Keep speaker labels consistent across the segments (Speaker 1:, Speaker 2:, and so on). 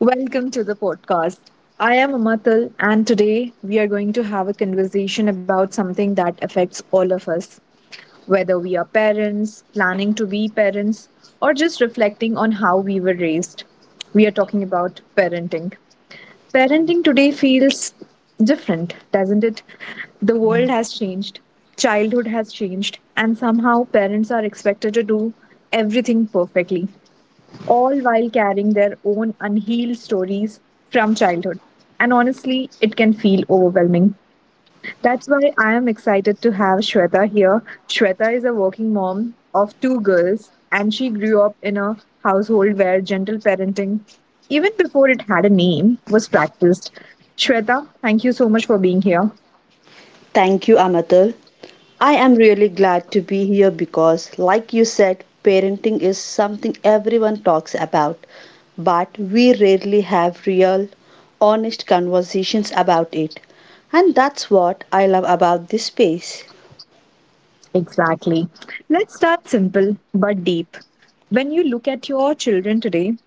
Speaker 1: Welcome to the podcast. I am Amatal, and today we are going to have a conversation about something that affects all of us, whether we are parents, planning to be parents, or just reflecting on how we were raised. We are talking about parenting. Parenting today feels different, doesn't it? The world has changed, childhood has changed, and somehow parents are expected to do everything perfectly all while carrying their own unhealed stories from childhood. And honestly, it can feel overwhelming. That's why I am excited to have Shweta here. Shweta is a working mom of two girls, and she grew up in a household where gentle parenting, even before it had a name, was practiced. Shweta, thank you so much for being here.
Speaker 2: Thank you, Amatul. I am really glad to be here because, like you said, parenting is something everyone talks about, but we rarely have real, honest conversations about it. And that's what I love about this space.
Speaker 1: Exactly. Let's start simple but deep. When you look at your children today,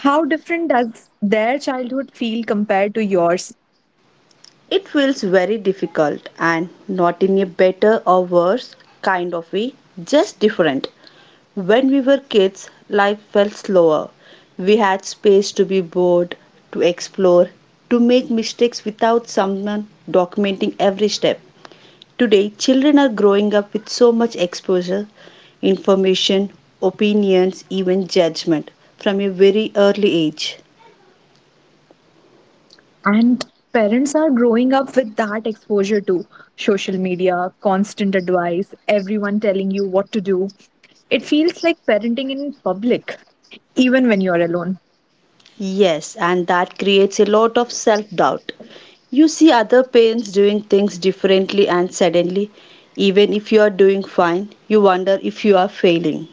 Speaker 1: how different does their childhood feel compared to yours?
Speaker 2: It feels very difficult and not in a better or worse kind of way, just different. When we were kids, life felt slower. We had space to be bored, to explore, to make mistakes without someone documenting every step. Today, children are growing up with so much exposure, information, opinions, even judgment from a very early age.
Speaker 1: And parents are growing up with that exposure to social media, constant advice, everyone telling you what to do. It feels like parenting in public, even when you're alone.
Speaker 2: Yes, and that creates a lot of self doubt. You see other parents doing things differently, and suddenly, even if you are doing fine, you wonder if you are failing.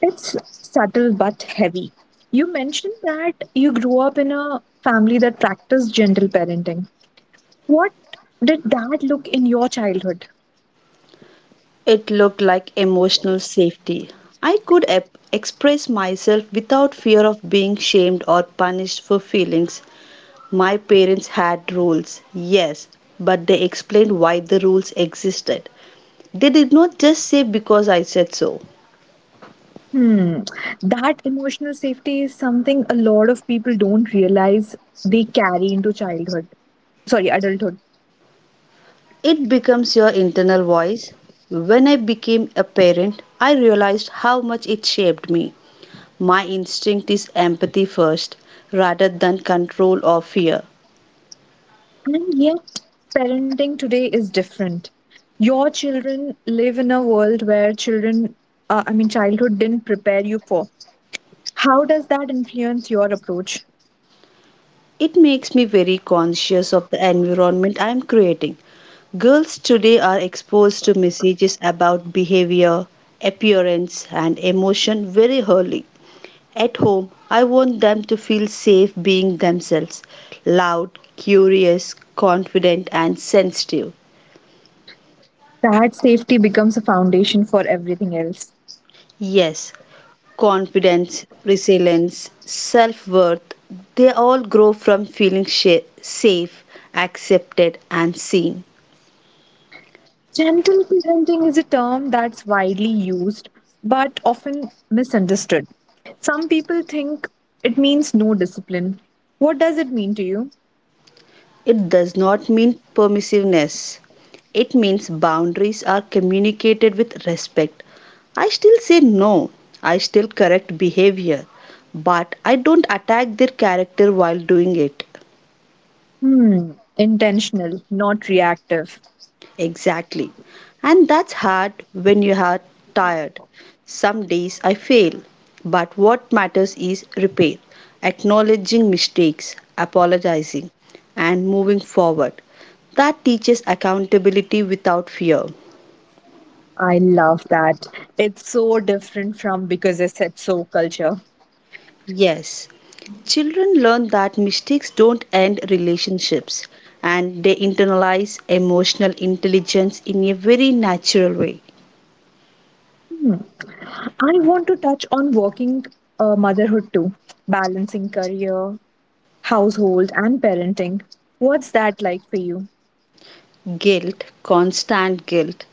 Speaker 1: It's subtle but heavy. You mentioned that you grew up in a family that practiced gentle parenting. What did that look in your childhood?
Speaker 2: It looked like emotional safety. I could express myself without fear of being shamed or punished for feelings. My parents had rules, yes, but they explained why the rules existed. They did not just say because I said so.
Speaker 1: Hmm. That emotional safety is something a lot of people don't realize they carry into childhood. Sorry, adulthood.
Speaker 2: It becomes your internal voice. When I became a parent, I realized how much it shaped me. My instinct is empathy first, rather than control or fear.
Speaker 1: And yet, parenting today is different. Your children live in a world where childhood didn't prepare you for. How does that influence your approach?
Speaker 2: It makes me very conscious of the environment I am creating. Girls today are exposed to messages about behavior, appearance, and emotion very early. At home, I want them to feel safe being themselves loud, curious, confident, and sensitive.
Speaker 1: That safety becomes a foundation for everything else.
Speaker 2: Yes, confidence, resilience, self worth, they all grow from feeling safe, accepted, and seen.
Speaker 1: Gentle parenting is a term that's widely used but often misunderstood. Some people think it means no discipline. What does it mean to you?
Speaker 2: It does not mean permissiveness. It means boundaries are communicated with respect. I still say no. I still correct behavior. But I don't attack their character while doing it.
Speaker 1: Hmm, intentional, not reactive.
Speaker 2: Exactly. And that's hard when you are tired. Some days I fail. But what matters is repair, acknowledging mistakes, apologizing, and moving forward. That teaches accountability without fear.
Speaker 1: I love that. It's so different from "because I said so" culture.
Speaker 2: Yes, children learn that mistakes don't end relationships and they internalize emotional intelligence in a very natural way.
Speaker 1: Hmm. I want to touch on working motherhood too, balancing career, household and parenting. What's that like for you?
Speaker 2: Guilt, constant guilt.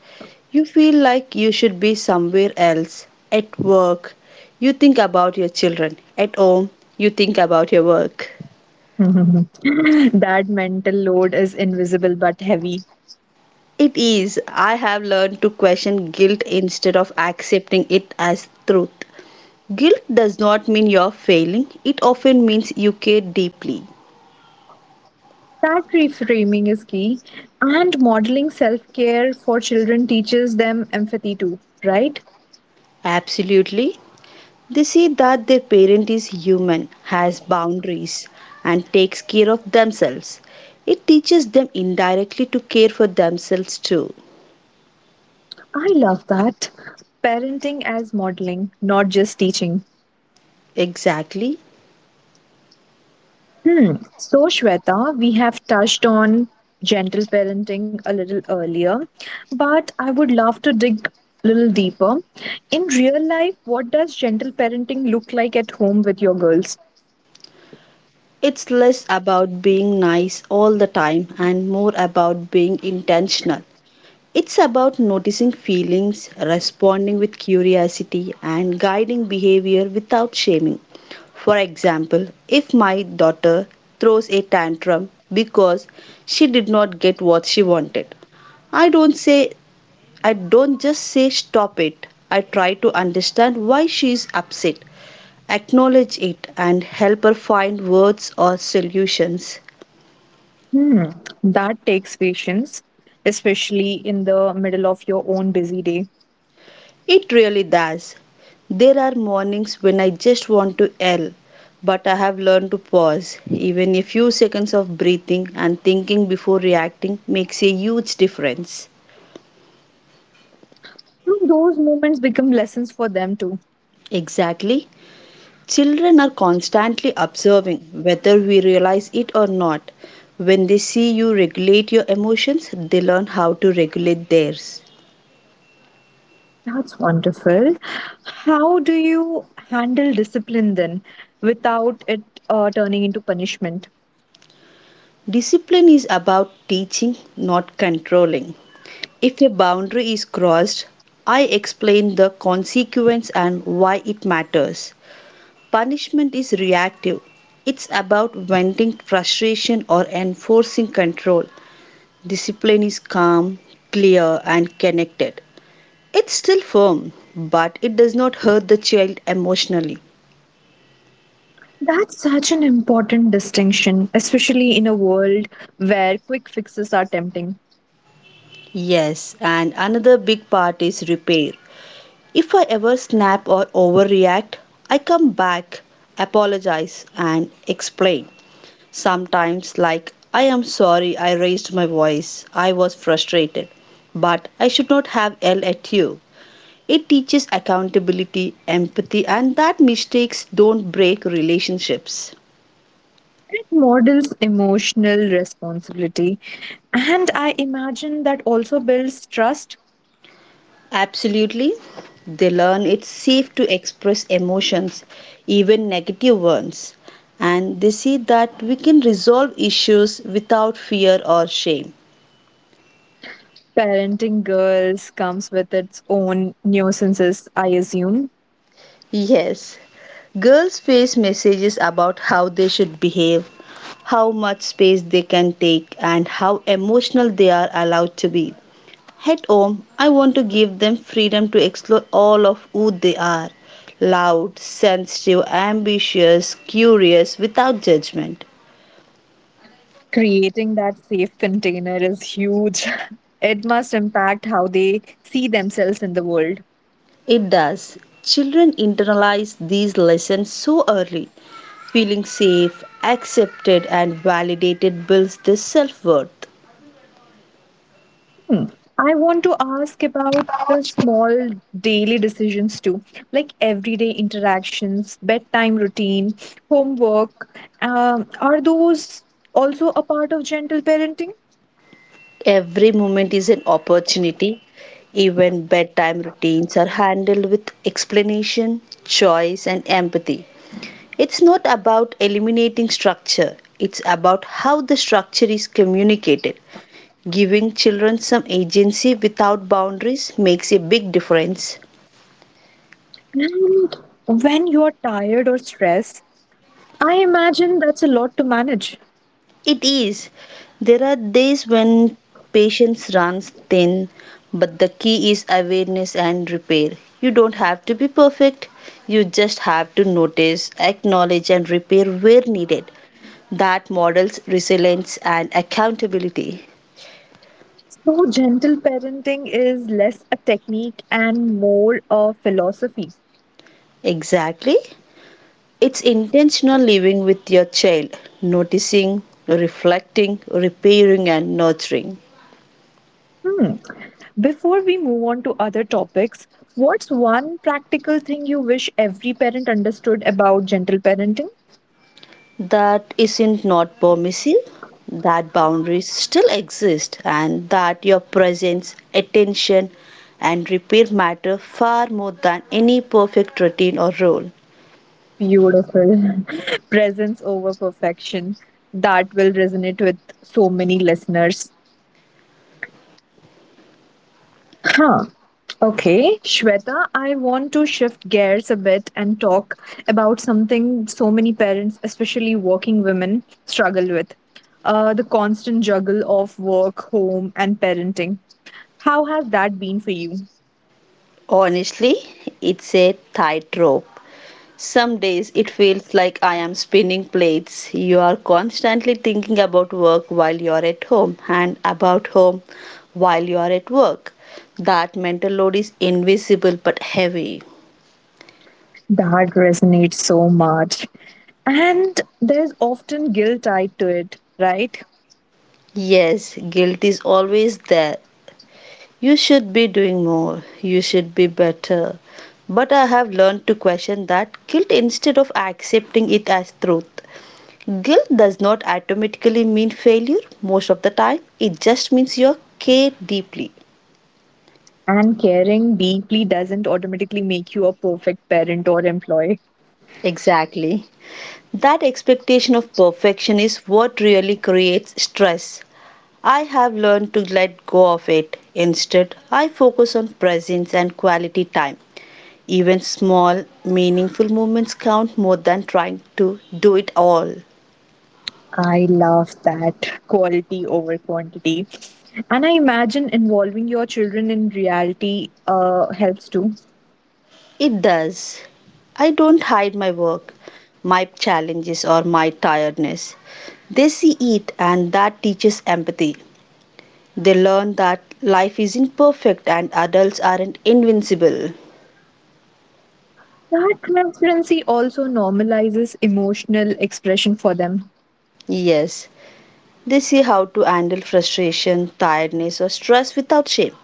Speaker 2: You feel like you should be somewhere else, at work. You think about your children, at home, you think about your work.
Speaker 1: That mental load is invisible but heavy.
Speaker 2: It is, I have learned to question guilt instead of accepting it as truth. Guilt does not mean you're failing, it often means you care deeply.
Speaker 1: That reframing is key. And modeling self care for children teaches them empathy too, right?
Speaker 2: Absolutely. They see that their parent is human, has boundaries, and takes care of themselves. It teaches them indirectly to care for themselves too.
Speaker 1: I love that. Parenting as modeling, not just teaching.
Speaker 2: Exactly.
Speaker 1: Hmm. So, Shweta, we have touched on gentle parenting a little earlier, but I would love to dig a little deeper. In real life, what does gentle parenting look like at home with your girls?
Speaker 2: It's less about being nice all the time and more about being intentional. It's about noticing feelings, responding with curiosity, and guiding behavior without shaming. For example, if my daughter throws a tantrum because she did not get what she wanted, I don't say I don't just say stop it. I try to understand why she is upset, acknowledge it and help her find words or solutions.
Speaker 1: Hmm. That takes patience, especially in the middle of your own busy day.
Speaker 2: It really does. There are mornings when I just want to yell, but I have learned to pause. Even a few seconds of breathing and thinking before reacting makes a huge difference.
Speaker 1: Hmm, those moments become lessons for them too.
Speaker 2: Exactly. Children are constantly observing, whether we realize it or not. When they see you regulate your emotions, they learn how to regulate theirs.
Speaker 1: That's wonderful. How do you handle discipline then without it turning into punishment?
Speaker 2: Discipline is about teaching, not controlling. If a boundary is crossed, I explain the consequence and why it matters. Punishment is reactive. It's about venting frustration or enforcing control. Discipline is calm, clear, and connected. It's still firm, but it does not hurt the child emotionally.
Speaker 1: That's such an important distinction, especially in a world where quick fixes are tempting.
Speaker 2: Yes, and another big part is repair. If I ever snap or overreact, I come back, apologize, and explain. Sometimes, like, I am sorry I raised my voice, I was frustrated, but I should not have yelled at you. It teaches accountability, empathy, and that mistakes don't break relationships.
Speaker 1: It models emotional responsibility. And I imagine that also builds trust.
Speaker 2: Absolutely. They learn it's safe to express emotions, even negative ones, and they see that we can resolve issues without fear or shame.
Speaker 1: Parenting girls comes with its own nuisances, I assume.
Speaker 2: Yes, girls face messages about how they should behave, how much space they can take, and how emotional they are allowed to be. At home, I want to give them freedom to explore all of who they are loud, sensitive, ambitious, curious, without judgment.
Speaker 1: Creating that safe container is huge. It must impact how they see themselves in the world.
Speaker 2: It does. Children internalize these lessons so early. Feeling safe, accepted, and validated builds their self worth.
Speaker 1: Hmm. I want to ask about the small daily decisions too, like everyday interactions, bedtime routine, homework. Are those also a part of gentle parenting?
Speaker 2: Every moment is an opportunity. Even bedtime routines are handled with explanation, choice, and empathy. It's not about eliminating structure, it's about how the structure is communicated. Giving children some agency without boundaries makes a big difference.
Speaker 1: And when you're tired or stressed, I imagine that's a lot to manage.
Speaker 2: It is. There are days when patience runs thin, but the key is awareness and repair. You don't have to be perfect, you just have to notice, acknowledge, and repair where needed. That models resilience and accountability.
Speaker 1: So, gentle parenting is less a technique and more a philosophy.
Speaker 2: Exactly. It's intentional living with your child, noticing, reflecting, repairing, and nurturing.
Speaker 1: Hmm. Before we move on to other topics, what's one practical thing you wish every parent understood about gentle parenting?
Speaker 2: That isn't not permissive, that boundaries still exist and that your presence, attention, and repair matter far more than any perfect routine or role.
Speaker 1: Beautiful. Presence over perfection. That will resonate with so many listeners. Huh. Okay, Shweta, I want to shift gears a bit and talk about something so many parents, especially working women, struggle with, the constant juggle of work, home, and parenting. How has that been for you?
Speaker 2: Honestly, it's a tightrope. Some days it feels like I am spinning plates. You are constantly thinking about work while you are at home, and about home while you are at work. That mental load is invisible but heavy.
Speaker 1: That resonates so much. And there's often guilt tied to it, right?
Speaker 2: Yes, guilt is always there. You should be doing more. You should be better. But I have learned to question that guilt instead of accepting it as truth. Guilt does not automatically mean failure most of the time, it just means you care deeply.
Speaker 1: And caring deeply doesn't automatically make you a perfect parent or employee.
Speaker 2: Exactly. That expectation of perfection is what really creates stress. I have learned to let go of it. Instead, I focus on presence and quality time. Even small, meaningful moments count more than trying to do it all.
Speaker 1: I love that, quality over quantity. And I imagine involving your children in reality helps too.
Speaker 2: It does. I don't hide my work, my challenges, or my tiredness. They see it, and that teaches empathy. They learn that life isn't perfect and adults aren't invincible.
Speaker 1: That transparency also normalizes emotional expression for them.
Speaker 2: Yes, they see how to handle frustration, tiredness, or stress without shame,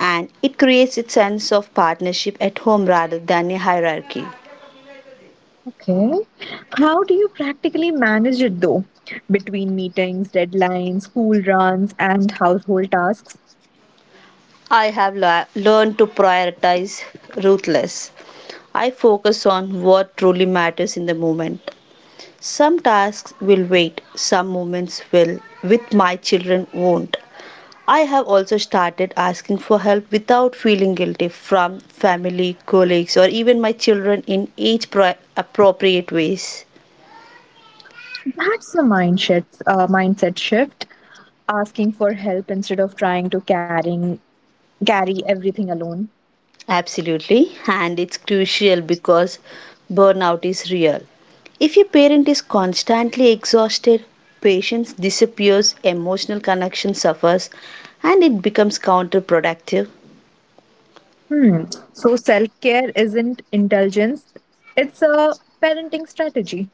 Speaker 2: and it creates a sense of partnership at home rather than a hierarchy.
Speaker 1: Okay. How do you practically manage it though? Between meetings, deadlines, school runs, and household tasks?
Speaker 2: I have learned to prioritize ruthless. I focus on what truly matters in the moment. Some tasks will wait, some moments will, with my children won't. I have also started asking for help without feeling guilty from family, colleagues, or even my children in age appropriate ways.
Speaker 1: That's the mindset shift. Asking for help instead of trying to carry everything alone.
Speaker 2: Absolutely, and it's crucial because burnout is real. If your parent is constantly exhausted, patience disappears, emotional connection suffers, and it becomes counterproductive.
Speaker 1: Hmm. So self care isn't indulgence; it's a parenting strategy.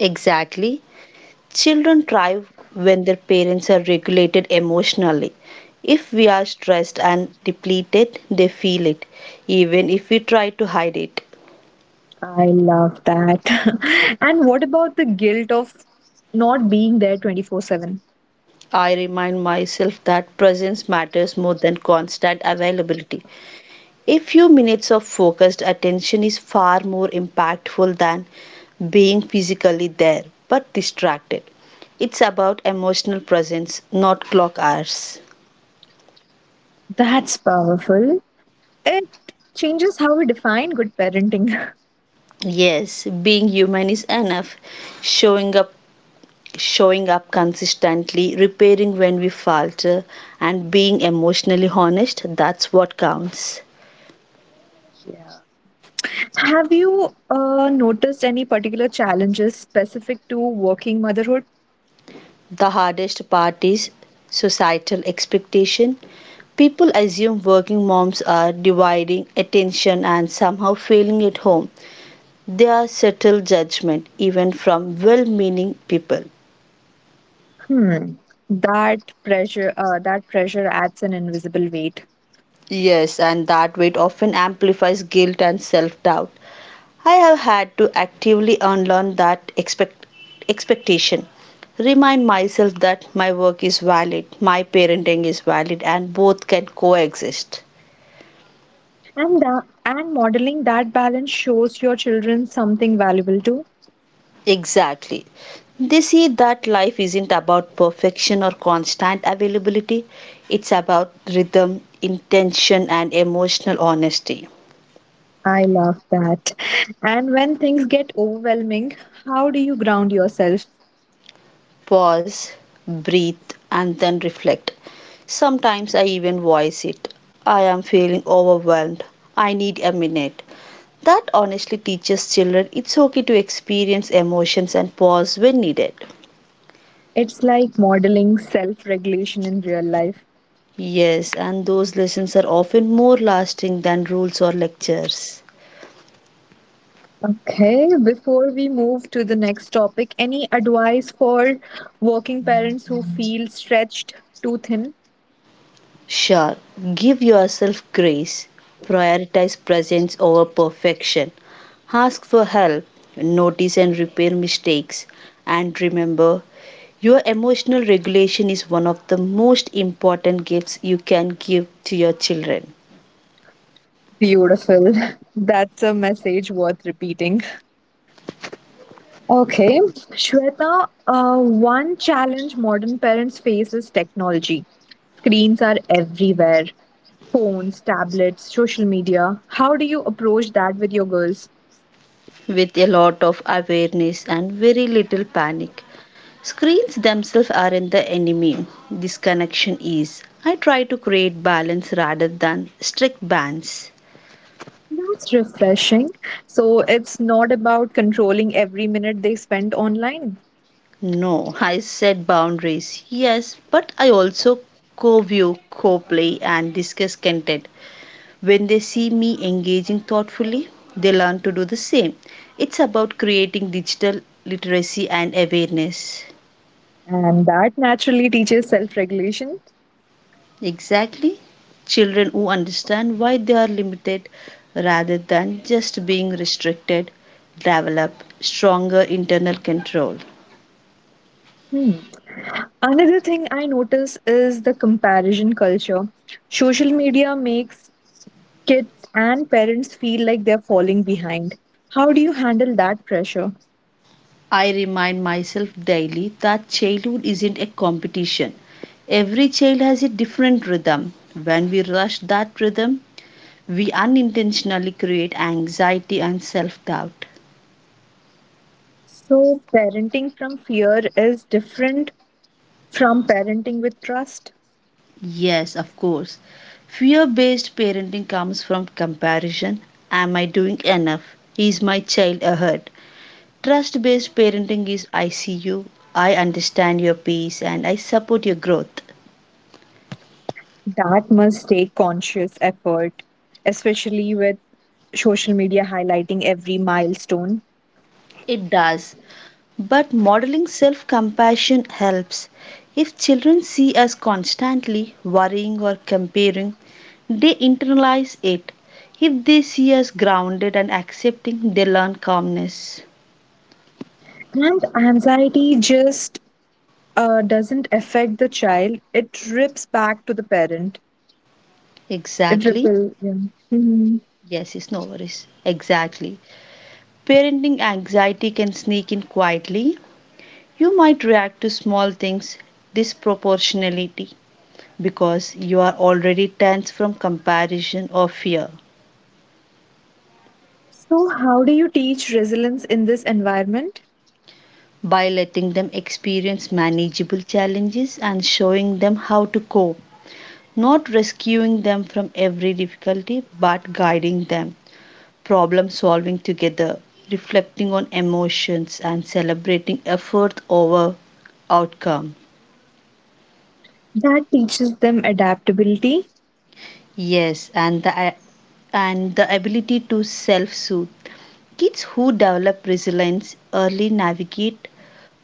Speaker 2: Exactly. Children thrive when their parents are regulated emotionally. If we are stressed and depleted, they feel it, even if we try to hide it.
Speaker 1: I love that. And what about the guilt of not being there 24/7?
Speaker 2: I remind myself that presence matters more than constant availability. A few minutes of focused attention is far more impactful than being physically there but distracted. It's about emotional presence, not clock hours.
Speaker 1: That's powerful. It changes how we define good parenting.
Speaker 2: Yes, being human is enough. Showing up showing up consistently, repairing when we falter and being emotionally honest, that's what counts.
Speaker 1: Yeah. Have you noticed any particular challenges specific to working motherhood?
Speaker 2: The hardest part is societal expectation. People assume working moms are dividing attention and somehow failing at home. There are subtle judgment even from well-meaning people.
Speaker 1: Hmm. That pressure adds an invisible weight.
Speaker 2: Yes, and that weight often amplifies guilt and self-doubt. I have had to actively unlearn that expectation. Remind myself that my work is valid, my parenting is valid, and both can coexist.
Speaker 1: And modeling that balance shows your children something valuable too.
Speaker 2: Exactly. They see that life isn't about perfection or constant availability, it's about rhythm, intention, and emotional honesty.
Speaker 1: I love that. And when things get overwhelming, how do you ground yourself?
Speaker 2: Pause, breathe, and then reflect. Sometimes I even voice it, I am feeling overwhelmed. I need a minute. That honestly teaches children it's okay to experience emotions and pause when needed.
Speaker 1: It's like modeling self regulation in real life.
Speaker 2: Yes, and those lessons are often more lasting than rules or lectures.
Speaker 1: Okay, before we move to the next topic, any advice for working parents who feel stretched too thin?
Speaker 2: Sure, give yourself grace. Prioritize presence over perfection. Ask for help. Notice and repair mistakes. And remember, your emotional regulation is one of the most important gifts you can give to your children.
Speaker 1: Beautiful. That's a message worth repeating. Okay, Shweta, one challenge modern parents face is technology. Screens are everywhere: phones, tablets, social media. How do you approach that with your girls?
Speaker 2: With a lot of awareness and very little panic, screens themselves aren't the enemy. Disconnection is. I try to create balance rather than strict bans.
Speaker 1: That's refreshing. So it's not about controlling every minute they spend online.
Speaker 2: No, I set boundaries. Yes, but I also co view, co play, and discuss content. When they see me engaging thoughtfully, they learn to do the same. It's about creating digital literacy and awareness.
Speaker 1: And that naturally teaches self regulation.
Speaker 2: Exactly. Children who understand why they are limited rather than just being restricted develop stronger internal control.
Speaker 1: Hmm. Another thing I notice is the comparison culture. Social media makes kids and parents feel like they're falling behind. How do you handle that pressure?
Speaker 2: I remind myself daily that childhood isn't a competition. Every child has a different rhythm. When we rush that rhythm, we unintentionally create anxiety and self doubt.
Speaker 1: So, parenting from fear is different from parenting with trust.
Speaker 2: Yes, of course. Fear based parenting comes from comparison. Am I doing enough? Is my child ahead? Trust based parenting is I see you, I understand your pace, and I support your growth.
Speaker 1: That must take conscious effort, especially with social media highlighting every milestone.
Speaker 2: It does. But modeling self compassion helps. If children see us constantly worrying or comparing, they internalize it. If they see us grounded and accepting, they learn calmness.
Speaker 1: And anxiety just doesn't affect the child, it rips back to the parent. It
Speaker 2: Exactly.
Speaker 1: ripples, yeah. Mhm.
Speaker 2: Yes, it's no worries. Exactly. Parenting anxiety can sneak in quietly. You might react to small things disproportionately because you are already tense from comparison or fear.
Speaker 1: So, how do you teach resilience in this environment?
Speaker 2: By letting them experience manageable challenges and showing them how to cope. Not rescuing them from every difficulty, but guiding them, problem solving together, reflecting on emotions, and celebrating effort over outcome.
Speaker 1: That teaches them adaptability?
Speaker 2: Yes, and the ability to self-soothe. Kids who develop resilience early navigate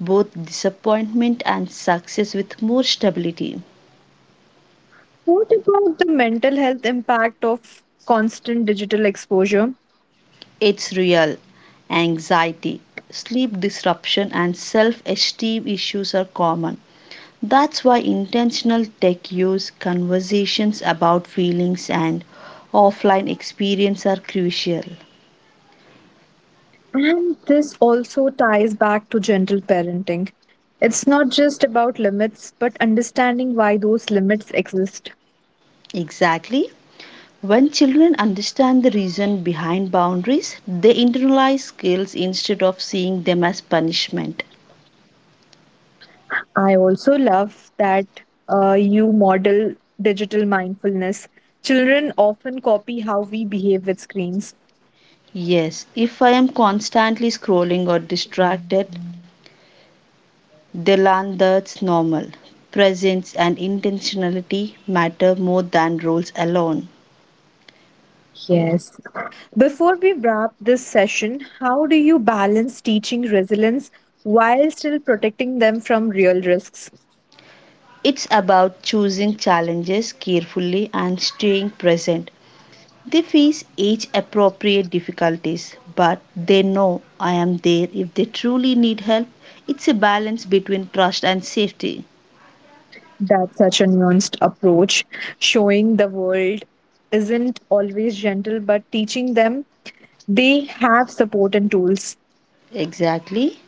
Speaker 2: both disappointment and success with more stability.
Speaker 1: What about the mental health impact of constant digital exposure?
Speaker 2: It's real. Anxiety, sleep disruption, and self esteem issues are common. That's why intentional tech use, conversations about feelings, and offline experience are crucial.
Speaker 1: And this also ties back to gentle parenting. It's not just about limits, but understanding why those limits exist.
Speaker 2: Exactly. When children understand the reason behind boundaries, they internalize skills instead of seeing them as punishment.
Speaker 1: I also love that you model digital mindfulness. Children often copy how we behave with screens.
Speaker 2: Yes, if I am constantly scrolling or distracted, they learn that's normal. Presence and intentionality matter more than roles alone.
Speaker 1: Yes. Before we wrap this session, how do you balance teaching resilience while still protecting them from real risks?
Speaker 2: It's about choosing challenges carefully and staying present. They face age appropriate difficulties, but they know I am there if they truly need help. It's a balance between trust and safety.
Speaker 1: That's such a nuanced approach. Showing the world isn't always gentle, but teaching them they have support and tools.
Speaker 2: Exactly.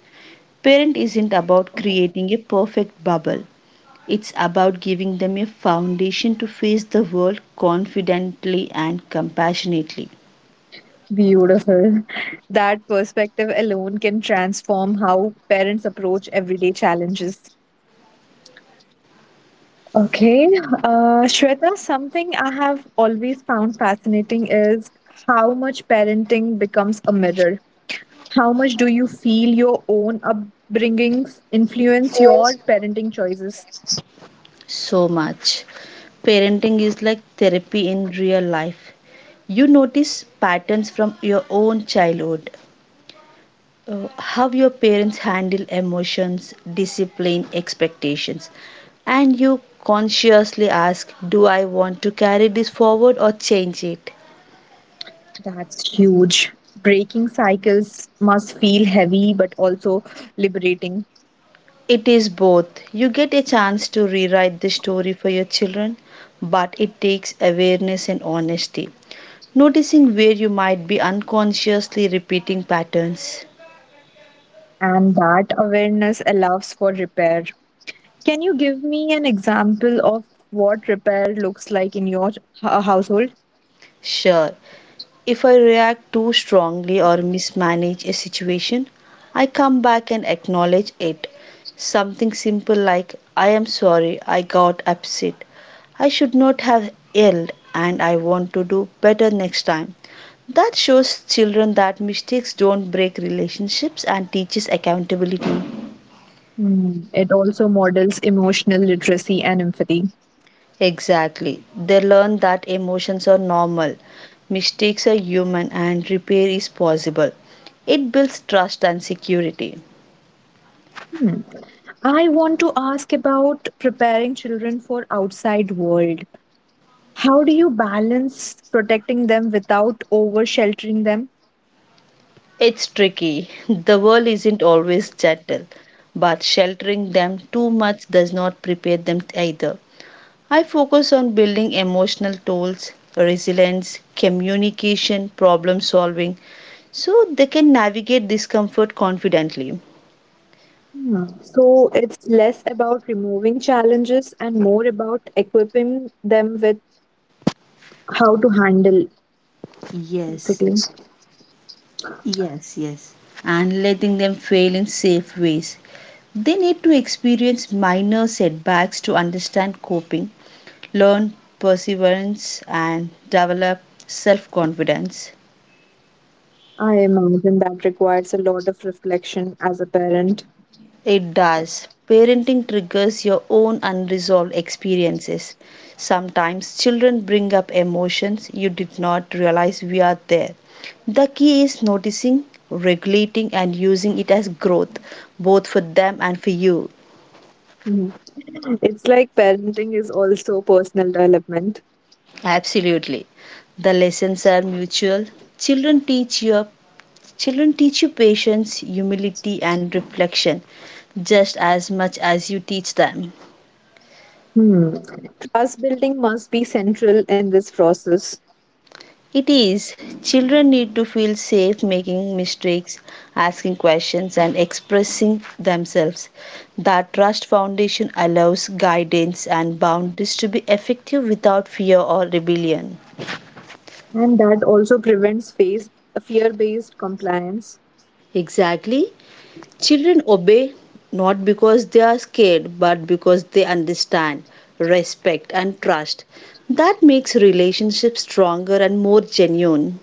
Speaker 2: Parent isn't about creating a perfect bubble. It's about giving them a foundation to face the world confidently and compassionately.
Speaker 1: Beautiful. That perspective alone can transform how parents approach everyday challenges. Okay. Shweta, something I have always found fascinating is how much parenting becomes a mirror. How much do you feel your own upbringings influence your parenting choices?
Speaker 2: So much. Parenting is like therapy in real life. You notice patterns from your own childhood, how your parents handle emotions, discipline, expectations, and you consciously ask, do I want to carry this forward or change it?
Speaker 1: That's huge. Breaking cycles must feel heavy but also liberating.
Speaker 2: It is both. You get a chance to rewrite the story for your children, but it takes awareness and honesty. Noticing where you might be unconsciously repeating patterns.
Speaker 1: And that awareness allows for repair. Can you give me an example of what repair looks like in your household?
Speaker 2: Sure, if I react too strongly or mismanage a situation, I come back and acknowledge it. Something simple like, I am sorry, I got upset. I should not have yelled, and I want to do better next time. That shows children that mistakes don't break relationships and teaches accountability.
Speaker 1: Hmm, it also models emotional literacy and empathy.
Speaker 2: Exactly. They learn that emotions are normal, mistakes are human, and repair is possible. It builds trust and security.
Speaker 1: Hmm. I want to ask about preparing children for outside world. How do you balance protecting them without over sheltering them?
Speaker 2: It's tricky. The world isn't always gentle, but sheltering them too much does not prepare them either. I focus on building emotional tools, resilience, communication, problem solving, so they can navigate discomfort confidently.
Speaker 1: Hmm. So it's less about removing challenges and more about equipping them with how to handle,
Speaker 2: Yes,
Speaker 1: basically.
Speaker 2: yes, yes. And letting them fail in safe ways. They need to experience minor setbacks to understand coping, learn perseverance, and develop self confidence.
Speaker 1: I imagine that requires a lot of reflection as a parent.
Speaker 2: It does. Parenting triggers your own unresolved experiences. Sometimes children bring up emotions you did not realize were there. The key is noticing, regulating, and using it as growth, both for them and for you.
Speaker 1: Hmm. It's like parenting is also personal development.
Speaker 2: Absolutely. The lessons are mutual. Children teach you Children teach you patience, humility, and reflection just as much as you teach them.
Speaker 1: Hmm. Trust building must be central in this process.
Speaker 2: It is, children need to feel safe making mistakes, asking questions, and expressing themselves. That trust foundation allows guidance and boundaries to be effective without fear or rebellion.
Speaker 1: And that also prevents fear based compliance.
Speaker 2: Exactly. Children obey not because they are scared but because they understand, respect, and trust. That makes relationships stronger and more genuine.